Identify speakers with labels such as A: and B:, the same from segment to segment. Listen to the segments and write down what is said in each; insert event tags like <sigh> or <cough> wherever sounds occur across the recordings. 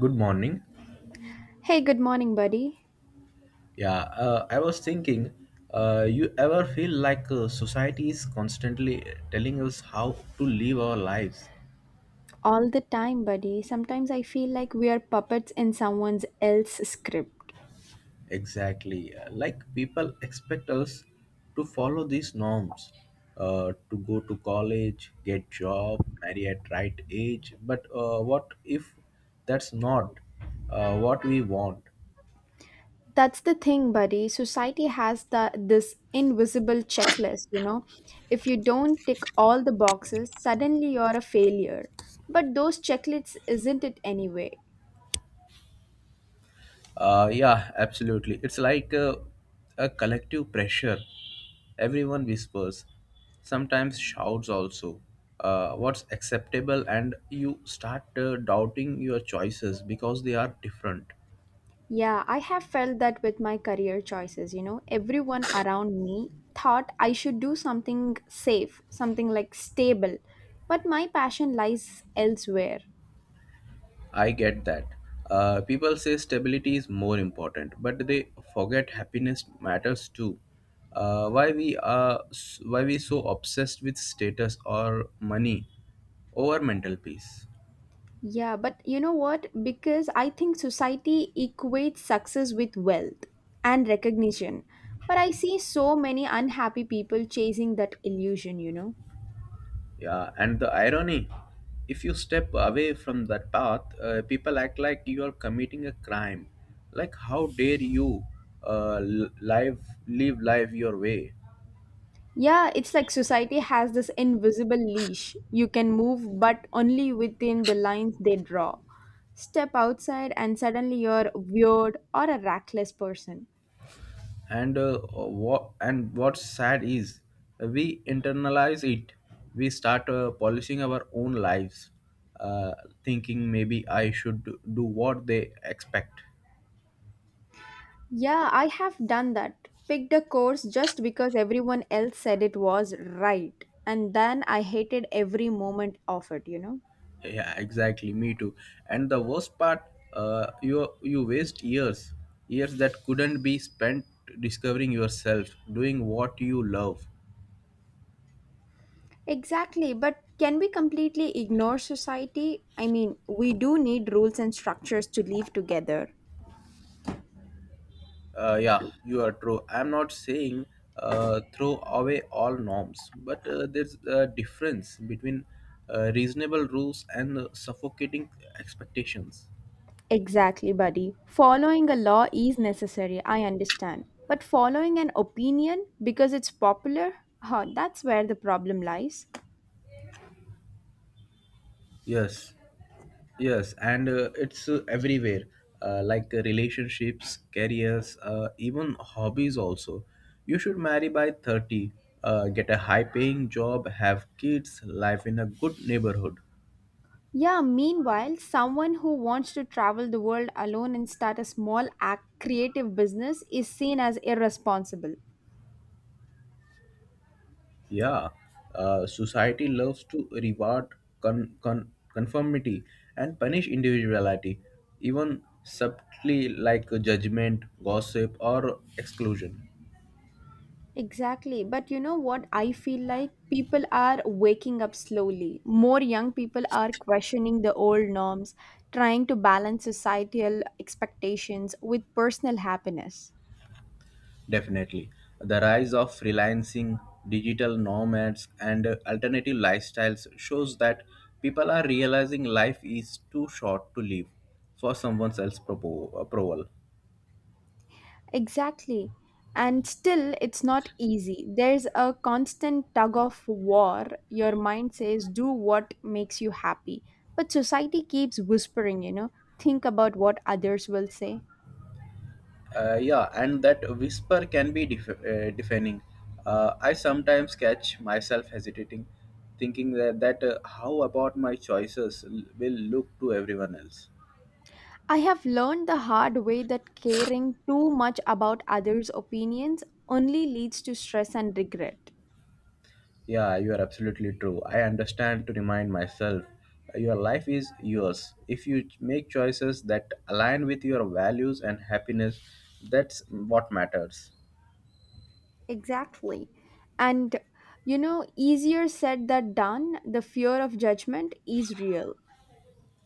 A: Good morning.
B: Hey, good morning, buddy.
A: Yeah, I was thinking, you ever feel like society is constantly telling us how to live our lives?
B: All the time, buddy. Sometimes I feel like we are puppets in someone else's script.
A: Exactly. Like people expect us to follow these norms, to go to college, get job, marry at right age. But what if that's not what we want?
B: That's the thing, buddy. Society has the this invisible checklist, you know. If you don't tick all the boxes, suddenly you're a failure. But those checklists isn't it anyway.
A: Yeah, absolutely. It's like a collective pressure. Everyone whispers, sometimes shouts also. What's acceptable, and you start doubting your choices because they are different.
B: Yeah, I have felt that with my career choices, you know. Everyone around me thought I should do something safe, something like stable, but my passion lies elsewhere.
A: I get that. People say stability is more important, but they forget happiness matters too. Uh, why we are why we so obsessed with status or money over mental peace?
B: Yeah, but you know what? Because I think society equates success with wealth and recognition. But I see so many unhappy people chasing that illusion, you know?
A: Yeah, and the irony, if you step away from that path, people act like you are committing a crime. Like, how dare you live life your way?
B: Yeah, it's like society has this invisible leash. You can move, but only within the lines they draw. Step outside, and suddenly you're weird or a reckless person.
A: And what's sad is we internalize it. We start polishing our own lives, uh, thinking maybe I should do what they expect.
B: Yeah, I have done that. Picked a course just because everyone else said it was right. And then I hated every moment of it, you know?
A: Yeah, exactly. Me too. And the worst part, you waste years, years that couldn't be spent discovering yourself, doing what you love.
B: Exactly, but can we completely ignore society? I mean, we do need rules and structures to live together.
A: Yeah, you are true. I'm not saying throw away all norms, but there's a difference between reasonable rules and suffocating expectations.
B: Exactly, buddy. Following a law is necessary, I understand. But following an opinion because it's popular, huh, that's where the problem lies.
A: Yes. Yes, and it's everywhere, like relationships, careers, even hobbies also. You should marry by 30, get a high paying job, have kids, live in a good neighborhood.
B: Yeah, meanwhile, someone who wants to travel the world alone and start a small act creative business is seen as irresponsible.
A: Yeah, society loves to reward conformity and punish individuality, even subtly like judgment, gossip, or exclusion.
B: Exactly. But you know what I feel like? People are waking up slowly. More young people are questioning the old norms, trying to balance societal expectations with personal happiness.
A: Definitely. The rise of freelancing, digital nomads, and alternative lifestyles shows that people are realizing life is too short to live for someone else's approval.
B: Exactly. And still, it's not easy. There's a constant tug of war. Your mind says, do what makes you happy. But society keeps whispering, think about what others will say.
A: Yeah, and that whisper can be deafening. I sometimes catch myself hesitating, thinking that how about my choices will look to everyone else.
B: I have learned the hard way that caring too much about others' opinions only leads to stress and regret.
A: Yeah, you are absolutely true. I understand to remind myself your life is yours. If you make choices that align with your values and happiness, that's what matters.
B: Exactly. And you know, easier said than done, the fear of judgment is real.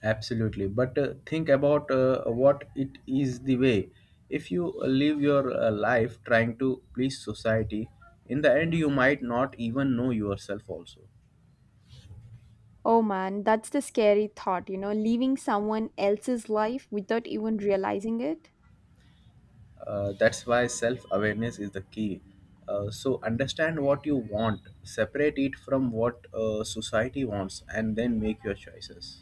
A: Absolutely. But think about what it is the way. If you live your life trying to please society, in the end, you might not even know yourself also.
B: Oh man, that's the scary thought, you know, leaving someone else's life without even realizing it.
A: That's why self awareness is the key. So, understand what you want, separate it from what society wants, and then make your choices.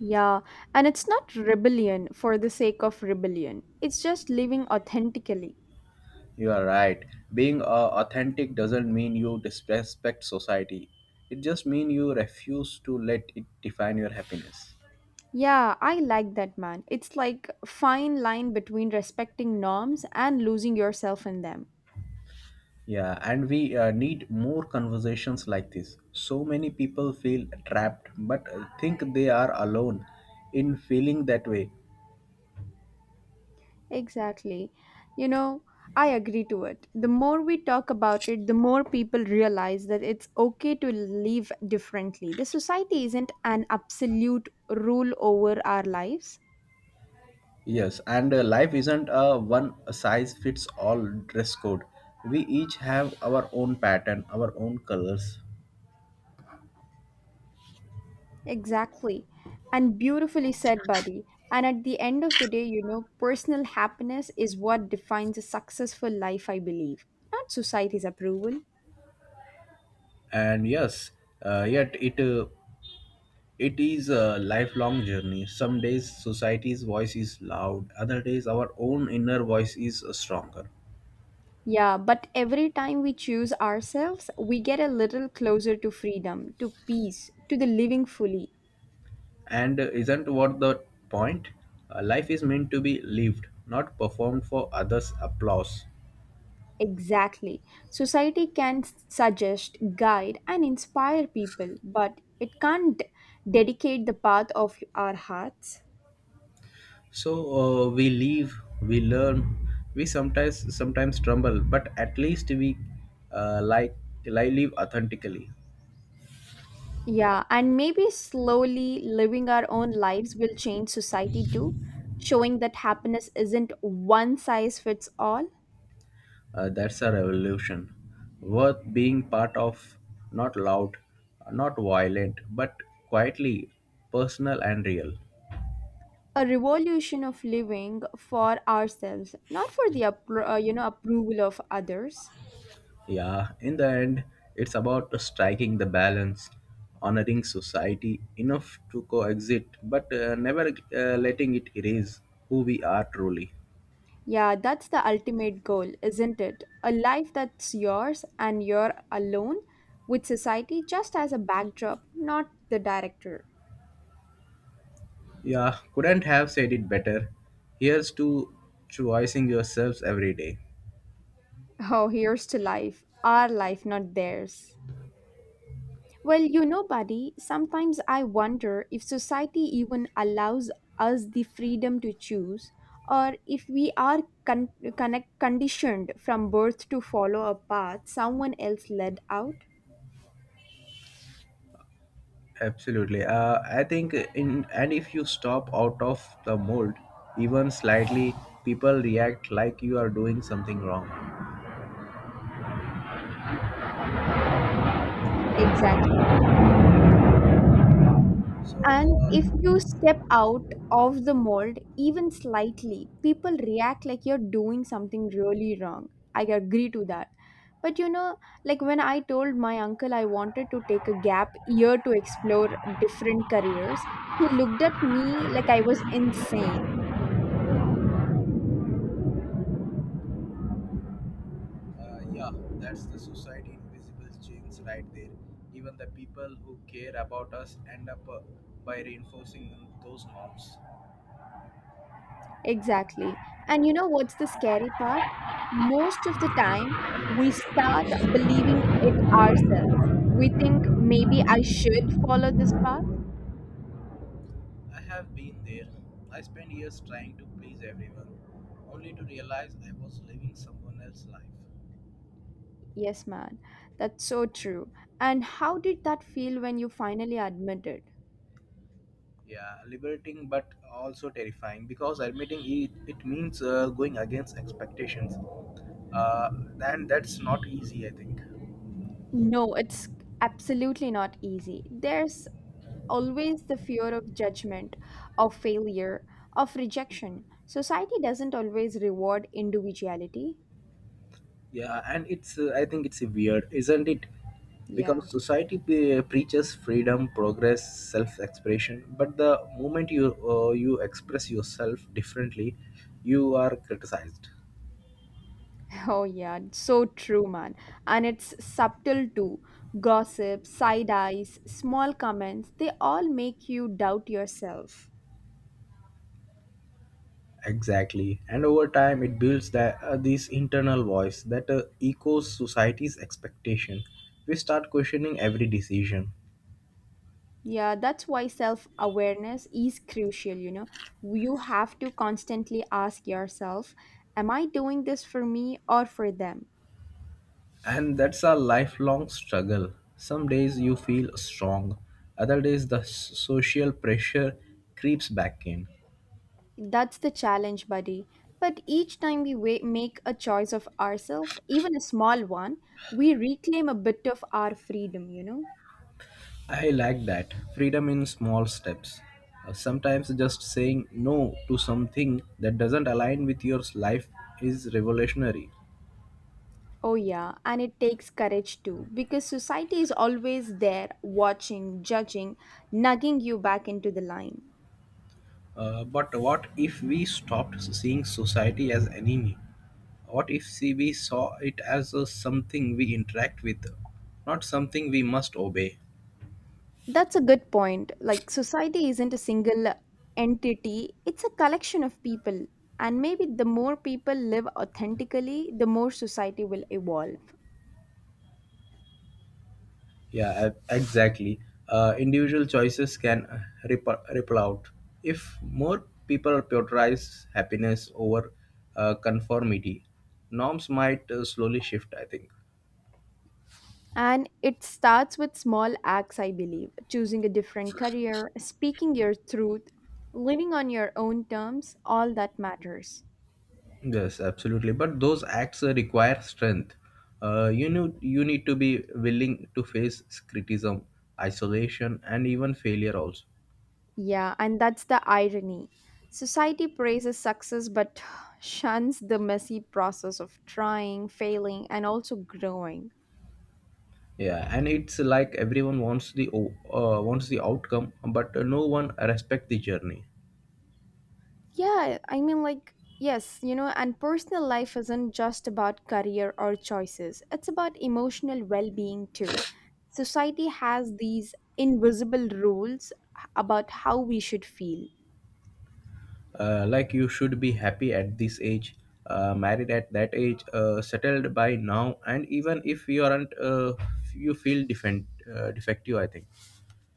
B: Yeah, and it's not rebellion for the sake of rebellion, it's just living authentically.
A: You are right. Being authentic doesn't mean you disrespect society, it just means you refuse to let it define your happiness.
B: Yeah, I like that man. It's like fine line between respecting norms and losing yourself in them.
A: Yeah, and we need more conversations like this. So many people feel trapped but think they are alone in feeling that way.
B: Exactly. You know, I agree to it. The more we talk about it, the more people realize that it's okay to live differently. The society isn't an absolute rule over our lives.
A: Yes, and life isn't a one size fits all dress code. We each have our own pattern, our own colors,
B: Exactly. And beautifully said, buddy. And at the end of the day, you know, personal happiness is what defines a successful life, I believe, not society's approval.
A: and yes, yet it is a lifelong journey. Some days society's voice is loud, other days our own inner voice is stronger.
B: Yeah, but every time we choose ourselves, we get a little closer to freedom, to peace, to the living fully.
A: And isn't what the point? Life is meant to be lived, not performed for others' applause.
B: Exactly. Society can suggest, guide, and inspire people, but it can't dedicate the path of our hearts.
A: So we live, we learn, we sometimes stumble, but at least we uh, like live authentically.
B: Yeah, and maybe slowly living our own lives will change society too, showing that happiness isn't one size fits all.
A: That's a revolution worth being part of. Not loud, not violent, but quietly personal and real.
B: A revolution of living for ourselves, not for the approval of others.
A: Yeah, in the end, it's about striking the balance, honoring society enough to coexist, but never letting it erase who we are truly.
B: Yeah, that's the ultimate goal, isn't it? A life that's yours and you're alone, with society just as a backdrop, not the director.
A: Yeah, couldn't have said it better. Here's to choosing yourselves every day.
B: Oh, here's to life, our life, not theirs. Well, you know, buddy, sometimes I wonder if society even allows us the freedom to choose, or if we are conditioned from birth to follow a path someone else led out.
A: Absolutely. I think in and if you stop out of the mold, even slightly, people react like you are doing something wrong.
B: Exactly.
A: So
B: And if
A: uh,
B: you step out of the mold even slightly, people react like you're doing something really wrong. I agree to that. But you know, like when I told my uncle I wanted to take a gap year to explore different careers, he looked at me like I was insane.
A: uh, yeah, that's the society invisible chains right there. Even the people who care about us end up by reinforcing those norms.
B: Exactly. And you know what's the scary part? Most of the time, we start believing it ourselves. We think maybe I should follow this path.
A: I have been there. I spent years trying to please everyone, only to realize I was living someone else's life.
B: Yes, man. That's so true. And how did that feel when you finally admitted?
A: Yeah, liberating but also terrifying because admitting it, it means going against expectations. Uh, and that's not easy, I think.
B: No, it's absolutely not easy. There's always the fear of judgment, of failure, of rejection. Society doesn't always reward individuality.
A: Yeah, and it's I think it's weird, isn't it? Because
B: Yeah. <laughs>
A: society preaches freedom, progress, self-expression, but the moment you you express yourself differently, you are criticized.
B: Oh, yeah, it's so true, man. And it's subtle too. Gossip, side eyes, small comments, they all make you doubt yourself.
A: Exactly. And over time, it builds that this internal voice that echoes society's expectation. We start questioning every decision.
B: Yeah, that's why self awareness is crucial. You know, you have to constantly ask yourself, am I doing this for me or for them?
A: And that's a lifelong struggle. Some days you feel strong, other days the social pressure creeps back in.
B: That's the challenge, buddy. But each time we make a choice of ourselves, even a small one, we reclaim a bit of our freedom, you know?
A: I like that. Freedom in small steps. Sometimes just saying no to something that doesn't align with your life is revolutionary.
B: Oh, yeah, and it takes courage too, because society is always there, watching, judging, nugging you back into the line.
A: But what if we stopped seeing society as enemy? What if see we saw it as something we interact with, not something we must obey?
B: That's a good point. Like, society isn't a single entity, it's a collection of people. And maybe the more people live authentically, the more society will evolve.
A: Exactly. Individual choices can ripple out. If more people prioritize happiness over conformity, norms might slowly shift, I think.
B: And it starts with small acts, I believe, choosing a different career, speaking your truth, living on your own terms, all that matters.
A: Yes, absolutely. But those acts require strength. You know, you need to be willing to face criticism, isolation, and even failure also.
B: Yeah, and that's the irony. Society praises success but <sighs> shuns the messy process of trying, failing, and also growing.
A: Yeah, and it's like everyone wants wants the outcome, but no one respect the journey.
B: Yeah, I mean, like, yes, you know, and personal life isn't just about career or choices, it's about emotional well being too. Society has these invisible rules about how we should feel.
A: Like you should be happy at this age, married at that age, settled by now, and even if you aren't, you feel defective. I think.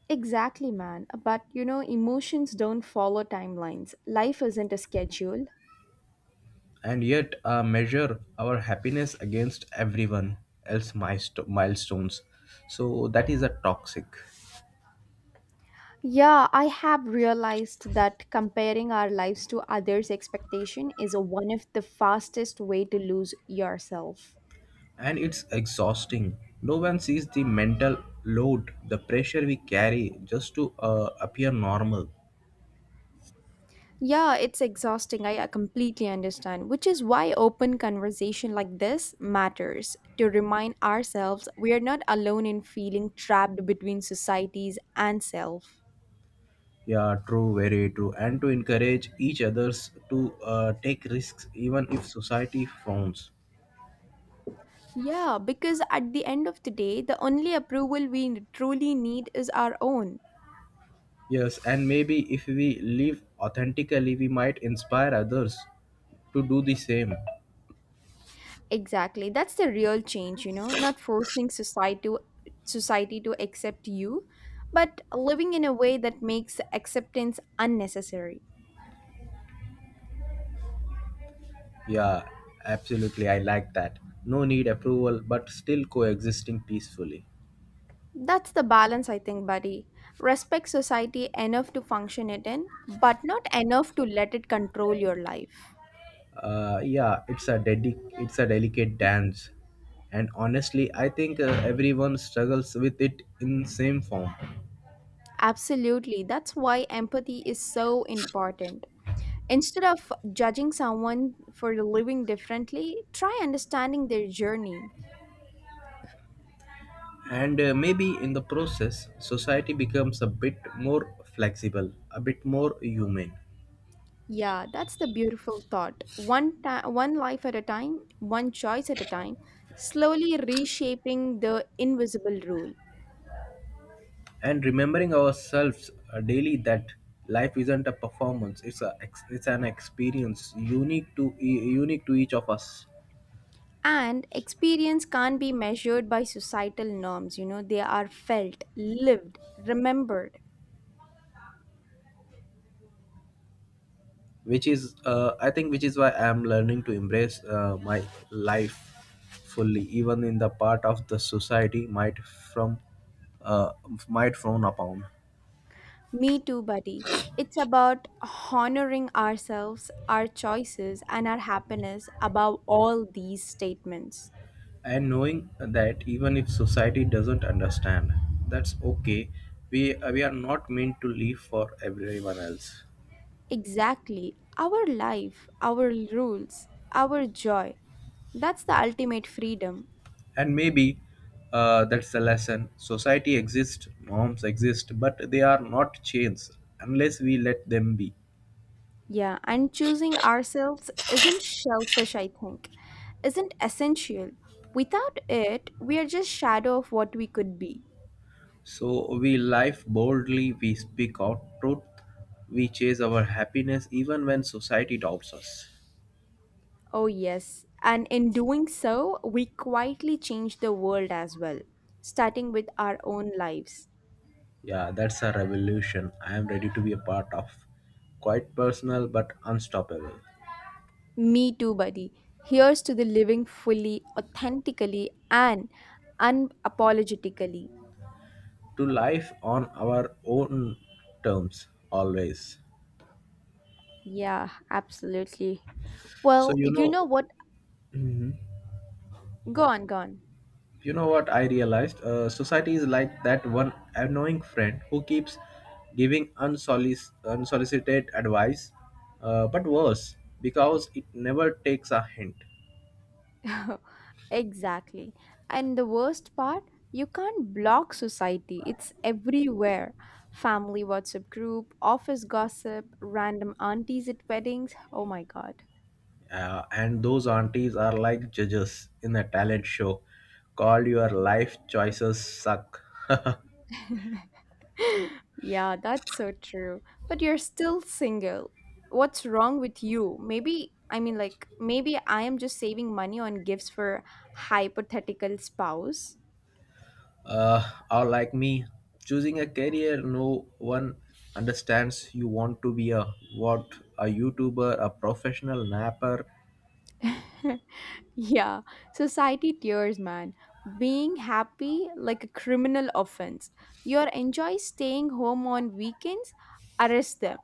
B: Exactly, man. But, you know, emotions don't follow timelines, life isn't a schedule.
A: And yet measure our happiness against everyone else milestones, so that is a toxic.
B: Yeah, I have realized that comparing our lives to others' expectation is one of the fastest way to lose yourself.
A: And it's exhausting, no one sees the mental load, the pressure we carry just to appear normal.
B: Yeah, it's exhausting. I completely understand, which is why open conversation like this matters to remind ourselves we are not alone in feeling trapped between societies and self.
A: Yeah, true, very true, and to encourage each others to take risks even if society frowns.
B: Yeah, because at the end of the day, the only approval we truly need is our own.
A: Yes, and maybe if we live authentically we might inspire others to do the same.
B: Exactly. That's the real change, you know, not forcing society to accept you, but living in a way that makes acceptance unnecessary.
A: Yeah, absolutely. I like that. No need approval, but still coexisting peacefully.
B: That's the balance, I think, buddy. Respect society enough to function it in, but not enough to let it control your life.
A: Yeah, it's a it's a delicate dance, and honestly, I think everyone struggles with it in same form.
B: Absolutely. That's why empathy is so important. Instead of judging someone for living differently, try understanding their journey.
A: And maybe in the process, society becomes a bit more flexible, a bit more human,
B: Yeah, that's the beautiful thought. One life at a time, one choice at a time, slowly reshaping the invisible rule.
A: and remembering ourselves daily that life isn't a performance; it's it's an experience unique to unique to each of us.
B: And experience can't be measured by societal norms, you know, they are felt, lived, remembered.
A: Which is I think which is why I am learning to embrace my life fully even in the part of the society might from uh, might frown upon.
B: Me too, buddy. It's about honoring ourselves, our choices, and our happiness above all these statements.
A: And knowing that even if society doesn't understand, that's okay, we are not meant to live for everyone else.
B: Exactly. Our life, our rules, our joy. That's the ultimate freedom.
A: And maybe that's the lesson, society exists, norms exist, but they are not chains unless we let them be.
B: Yeah, and choosing ourselves isn't shellfish, I think, isn't essential. Without it, we are just shadow of what we could be.
A: So we live boldly, we speak our truth, we chase our happiness even when society doubts us.
B: Oh, yes. And in doing so, we quietly change the world as well, starting with our own lives.
A: Yeah, that's a revolution I am ready to be a part of. Quite personal but unstoppable.
B: Me too, buddy. Here's to the living fully, authentically, and unapologetically.
A: To life on our own terms, always.
B: Yeah, absolutely.
A: So,
B: Well,
A: you
B: you know
A: know,
B: what?
A: mhm.
B: Go on, go on.
A: You know what I realized? Society is like that one annoying friend who keeps giving unsolicited advice, but worse because it never takes a hint.
B: <laughs> Exactly. And the worst part, you can't block society. It's everywhere. Family WhatsApp group, office gossip, random aunties at weddings. Oh my god.
A: And those aunties are like judges in a talent show. Call your life choices suck. <laughs>
B: <laughs> Yeah, that's so true. But you're still single. What's wrong with you? Maybe, I mean, like, maybe I am just saving money on gifts for hypothetical spouse.
A: Or like me, choosing a career no one understands. You want to be a what, a YouTuber, a professional napper?
B: <laughs> Yeah, society tears, man. Being happy like a criminal offense. You are enjoy staying home on weekends, arrest them.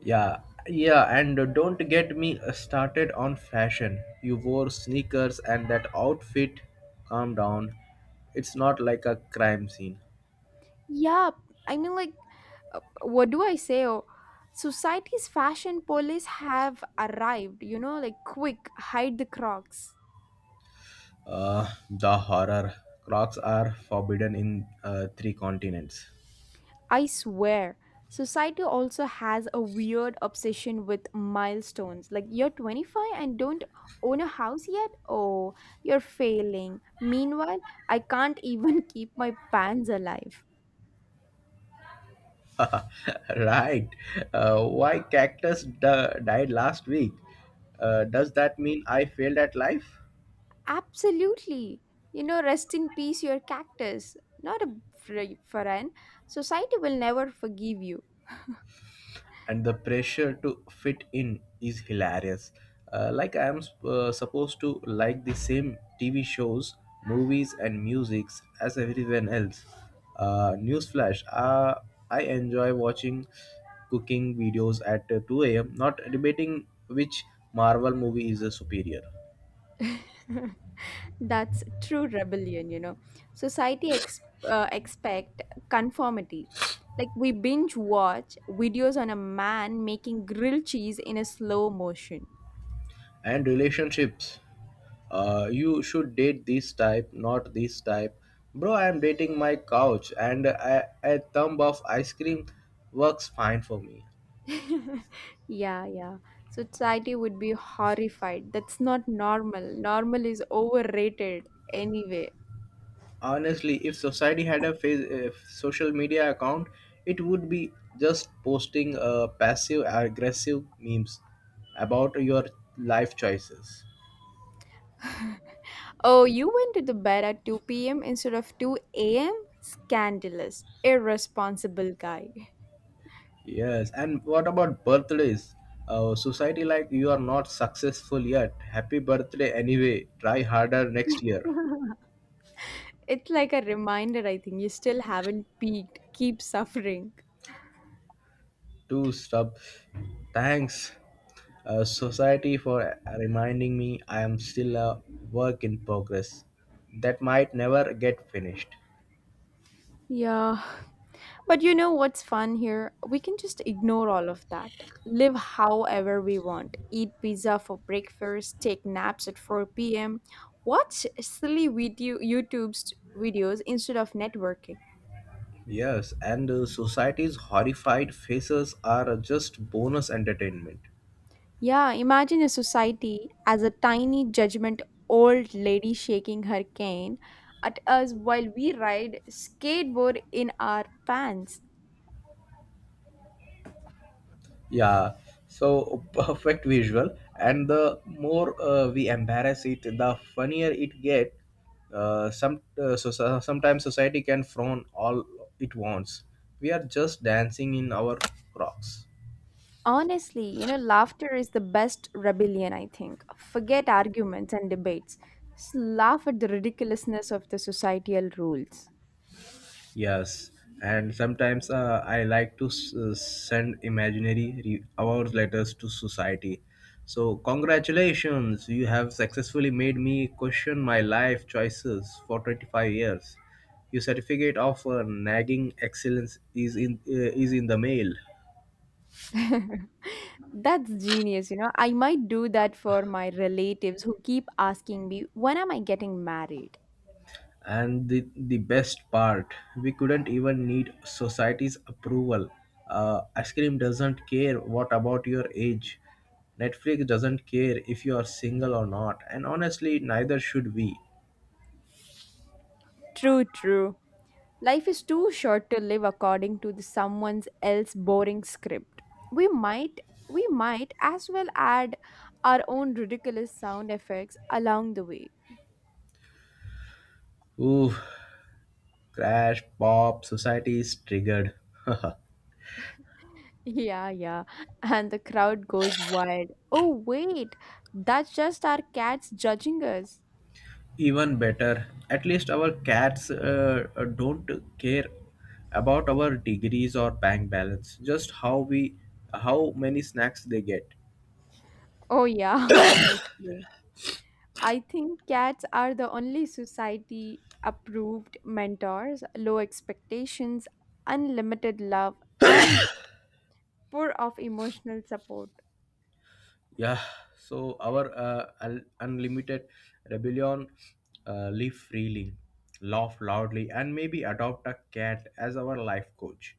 A: Yeah, yeah, and don't get me started on fashion. You wore sneakers and that outfit. Calm down. It's not like a crime scene.
B: Yeah, I mean, like, what do I say? Oh, society's fashion police have arrived. You know, like, quick, hide the crocs.
A: The horror. Crocs are forbidden in three continents.
B: I swear, society also has a weird obsession with milestones. Like, you're 25 and don't own a house yet? Oh, you're failing. Meanwhile, I can't even <laughs> keep my pants alive.
A: <laughs> Right. Why cactus died last week? Does that mean I failed at life?
B: Absolutely. You know, rest in peace, your cactus. Not a friend. Society will never forgive you.
A: And the pressure to fit in is hilarious. Like I am supposed to like the same TV shows, movies, and musics as everyone else. Newsflash: I enjoy watching cooking videos at 2 a.m. Not debating which Marvel movie is the superior.
B: <laughs> That's true rebellion, you know. Society ex- Expect conformity. Like we binge watch videos on a man making grilled cheese in a slow motion.
A: And relationships, you should date this type not this type. Bro, I am dating my couch and a thumb of ice cream works fine for me.
B: <laughs> Yeah, yeah. Society would be horrified. That's not normal. Normal is overrated anyway.
A: Honestly, if society had a face, if social media account, it would be just posting passive aggressive memes about your life choices.
B: Oh, you went to the bed at 2 p.m. instead of 2 a.m.? Scandalous, irresponsible guy. <laughs>
A: Yes, and what about birthdays? Society like you are not successful yet. Happy birthday anyway. Try harder next year.
B: It's like a reminder, I think. You still haven't peaked. Keep suffering.
A: To stop. Thanks, society, for reminding me I am still a work in progress that might never get finished.
B: Yeah. But you know what's fun here? We can just ignore all of that. Live however we want. Eat pizza for breakfast, take naps at 4 p.m., watch silly video YouTube's videos instead of networking.
A: Yes, and society's horrified faces are just bonus entertainment.
B: Yeah, imagine a society as a tiny judgment old lady shaking her cane at us while we ride skateboard in our pants.
A: Yeah, so <laughs> perfect visual, and the more we embarrass it, the funnier it get. Sometimes society can frown all it wants. We are just dancing in our crocs.
B: Honestly, you know, laughter is the best rebellion, I think. Forget arguments and debates. Just laugh at the ridiculousness of the societal rules.
A: Yes, and sometimes I like to send imaginary award letters to society. So, congratulations, you have successfully made me question my life choices for 25 years. Your certificate of nagging excellence is in the mail.
B: <laughs> That's genius, you know. I might do that for my relatives who keep asking me, when am I getting married?
A: And the best part, we couldn't even need society's approval. Ice cream doesn't care what about your age. Netflix doesn't care if you are single or not, and honestly neither should we.
B: True, true. Life is too short to live according to the someone else boring script. We might we might as well add our own ridiculous sound effects along the way.
A: Ooh, crash pop, society is triggered. <laughs>
B: Yeah, yeah. And the crowd goes wild. Oh, wait, that's just our cats judging us.
A: Even better, at least our cats don't care about our degrees or bank balance, just how we, how many snacks they get.
B: Oh, yeah, <laughs> honestly. I think cats are the only society approved mentors, low expectations, unlimited love, and pour of emotional support.
A: Yeah, so our unlimited rebellion, live freely, laugh loudly, and maybe adopt a cat as our life coach.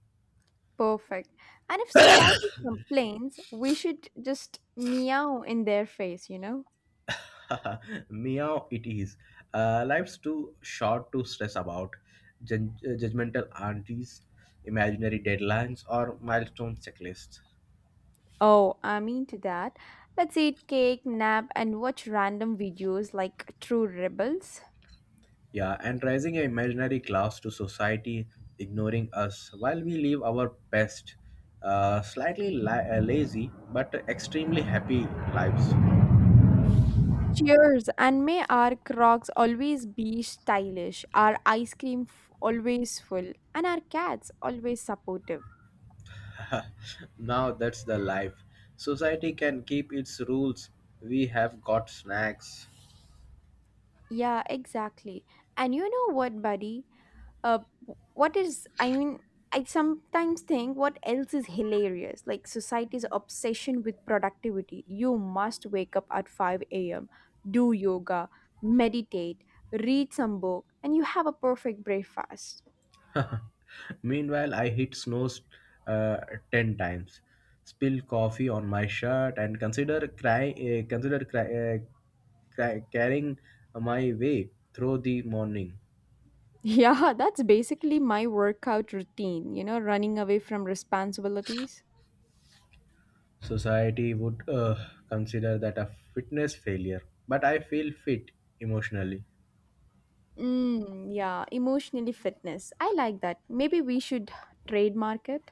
B: Perfect. And if society complains, we should just meow in their face, you know?
A: <laughs> Meow it is. Life's too short to stress about judgmental aunties, imaginary deadlines, or milestone checklists.
B: Oh, I'm into that. Let's eat cake, nap, and watch random videos like True Rebels.
A: Yeah, and raising an imaginary class to society, ignoring us while we live our best, slightly lazy but extremely happy lives.
B: Cheers! And may our crocs always be stylish, our ice cream always full, and our cats always supportive.
A: <laughs> Now that's the life. Society can keep its rules. We have got snacks.
B: Yeah, exactly. And you know what, buddy? Uh, what is, I mean, I sometimes think what else is hilarious? Like society's obsession with productivity. You must wake up at 5 a.m., do yoga, meditate, read some book, and you have a perfect breakfast. <laughs>
A: <laughs> Meanwhile, I hit snows uh, 10 times, spill coffee on my shirt, and consider cry, carrying my way through the morning.
B: Yeah, that's basically my workout routine, you know, running away from responsibilities.
A: Society would consider that a fitness failure, but I feel fit emotionally.
B: Mm, yeah, emotionally fitness. I like that. Maybe we should trademark it.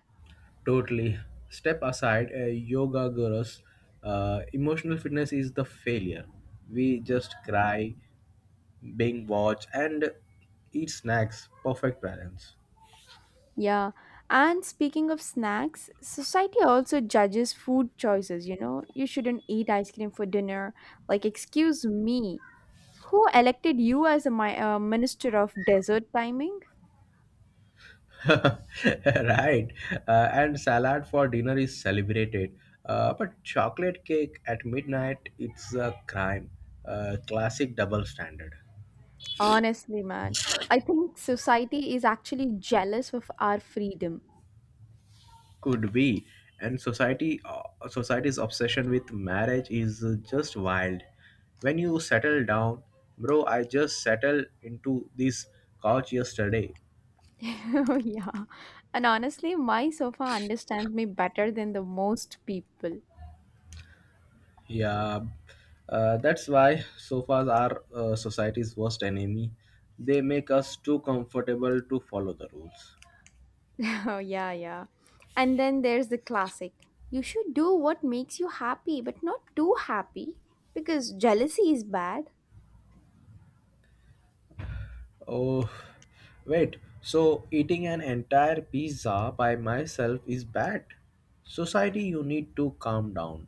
A: Totally. Step aside, a yoga guru's emotional fitness is the failure. We just cry, being watched, and eat snacks. Perfect balance.
B: Yeah. And speaking of snacks, society also judges food choices, you know? You shouldn't eat ice cream for dinner. Like, excuse me, who elected you as a minister of dessert timing?
A: <laughs> Right. And salad for dinner is celebrated. But chocolate cake at midnight, it's a crime. Classic double standard.
B: Honestly, man, I think society is actually jealous of our freedom.
A: Could be. And society, society's obsession with marriage is just wild. When you settle down, bro, I just settled into this couch yesterday.
B: <laughs> Oh yeah. And honestly, my sofa understands me better than the most people.
A: Yeah, that's why sofas are society's worst enemy. They make us too comfortable to follow the rules.
B: Oh, yeah, yeah. And then there's the classic. You should do what makes you happy, but not too happy, because jealousy is bad.
A: Oh wait, so eating an entire pizza by myself is bad? Society, you need to calm down.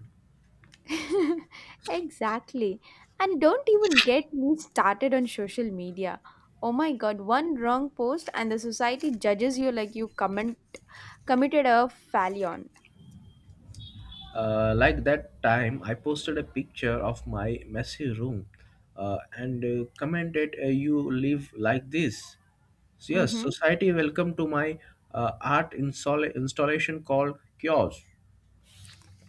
B: <laughs> Exactly. And don't even get me started on social media. Oh my god, one wrong post and the society judges you like you comment committed a fallion.
A: Like that time, I posted a picture of my messy room and commented, you live like this. So, yes,
B: Mm-hmm.
A: society, welcome to my installation called Kiosk.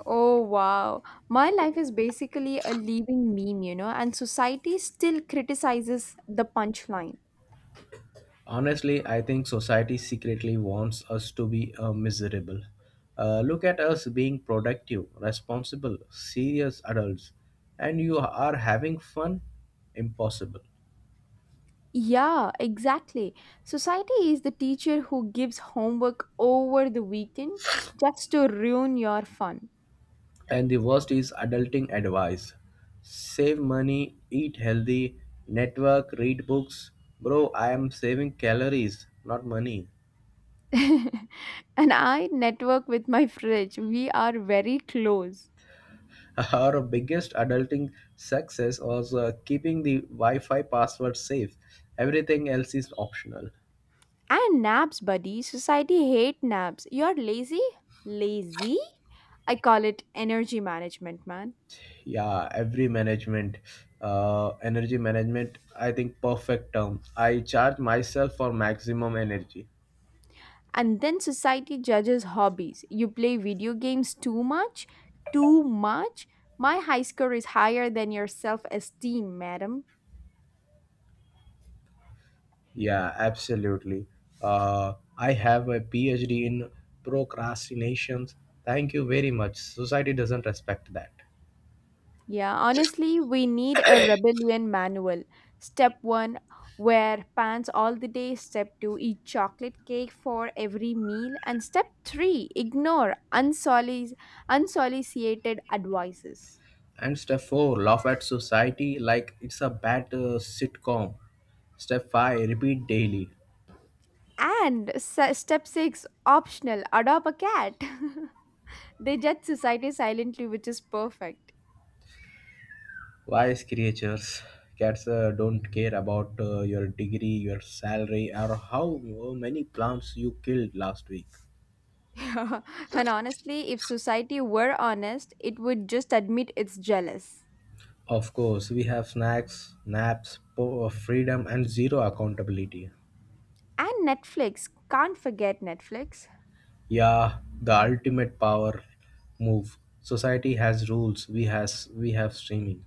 B: Oh wow. My life is basically a living meme, you know, and society still criticizes the punchline.
A: Honestly, I think society secretly wants us to be miserable. Look at us being productive, responsible, serious adults, and you are having fun? Impossible.
B: Yeah, exactly. Society is the teacher who gives homework over the weekend just to ruin your fun.
A: And the worst is adulting advice. Save money, eat healthy, network, read books. Bro, I am saving calories, not money.
B: <laughs> And I network with my fridge. We are very close.
A: <laughs> Our biggest adulting success was keeping the Wi-Fi password safe. Everything else is optional.
B: And naps, buddy. Society hate naps. You're lazy? Lazy? I call it energy management, man.
A: Yeah, every management, energy management, I think perfect term. I charge myself for maximum energy.
B: And then society judges hobbies. You play video games too much? Too much? My high score is higher than your self esteem, madam.
A: Yeah, absolutely. I have a PhD in procrastinations. Thank you very much. Society doesn't respect that.
B: Yeah, honestly, we need a rebellion manual. Step one, wear pants all the day. Step two, eat chocolate cake for every meal. And step three, ignore unsolicited advices.
A: And step four, laugh at society like it's a bad sitcom. Step five, repeat daily.
B: And step six, optional, adopt a cat. <laughs> They judge society silently, which is perfect. <laughs>
A: Wise creatures, cats don't care about your degree, your salary, or how many plants you killed last week.
B: Yeah. And honestly, if society were honest, it would just admit it's jealous.
A: Of course, we have snacks, naps, freedom, and zero accountability.
B: And Netflix. Can't forget Netflix.
A: Yeah, the ultimate power move. Society has rules. We have streaming.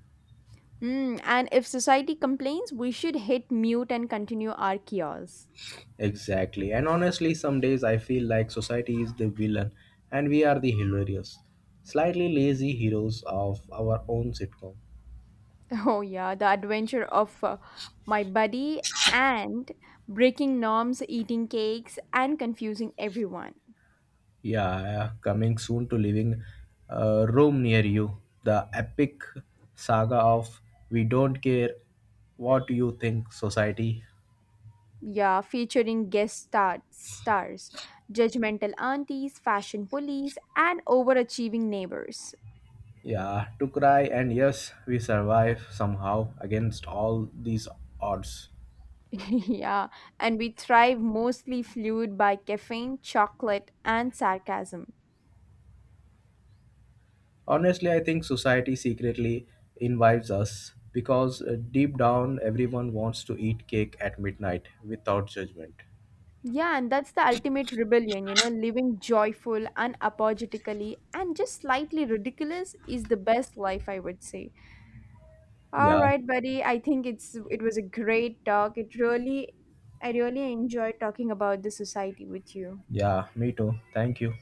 B: Mm, and if society complains, we should hit mute and continue our chaos.
A: Exactly. And honestly, some days I feel like society is the villain and we are the hilarious, slightly lazy heroes of our own sitcom.
B: <laughs> Oh, yeah, the adventure of my buddy and breaking norms, eating cakes, and confusing everyone.
A: Yeah, coming soon to living room near you. The epic saga of, we don't care what you think, society.
B: Yeah, featuring stars, judgmental aunties, fashion police, and overachieving neighbors.
A: Yeah, to cry, and yes, we survive somehow against all these odds.
B: <laughs> Yeah, and we thrive mostly fueled by caffeine, chocolate, and sarcasm.
A: Honestly, I think society secretly invites us because deep down everyone wants to eat cake at midnight without judgment.
B: Yeah, and that's the ultimate rebellion, you know, living joyful, unapologetically, and just slightly ridiculous is the best life, I would say. All
A: Yeah,
B: right, buddy, I think it was a great talk. It really I really enjoyed talking about the society with you.
A: yeah, me too. Thank you.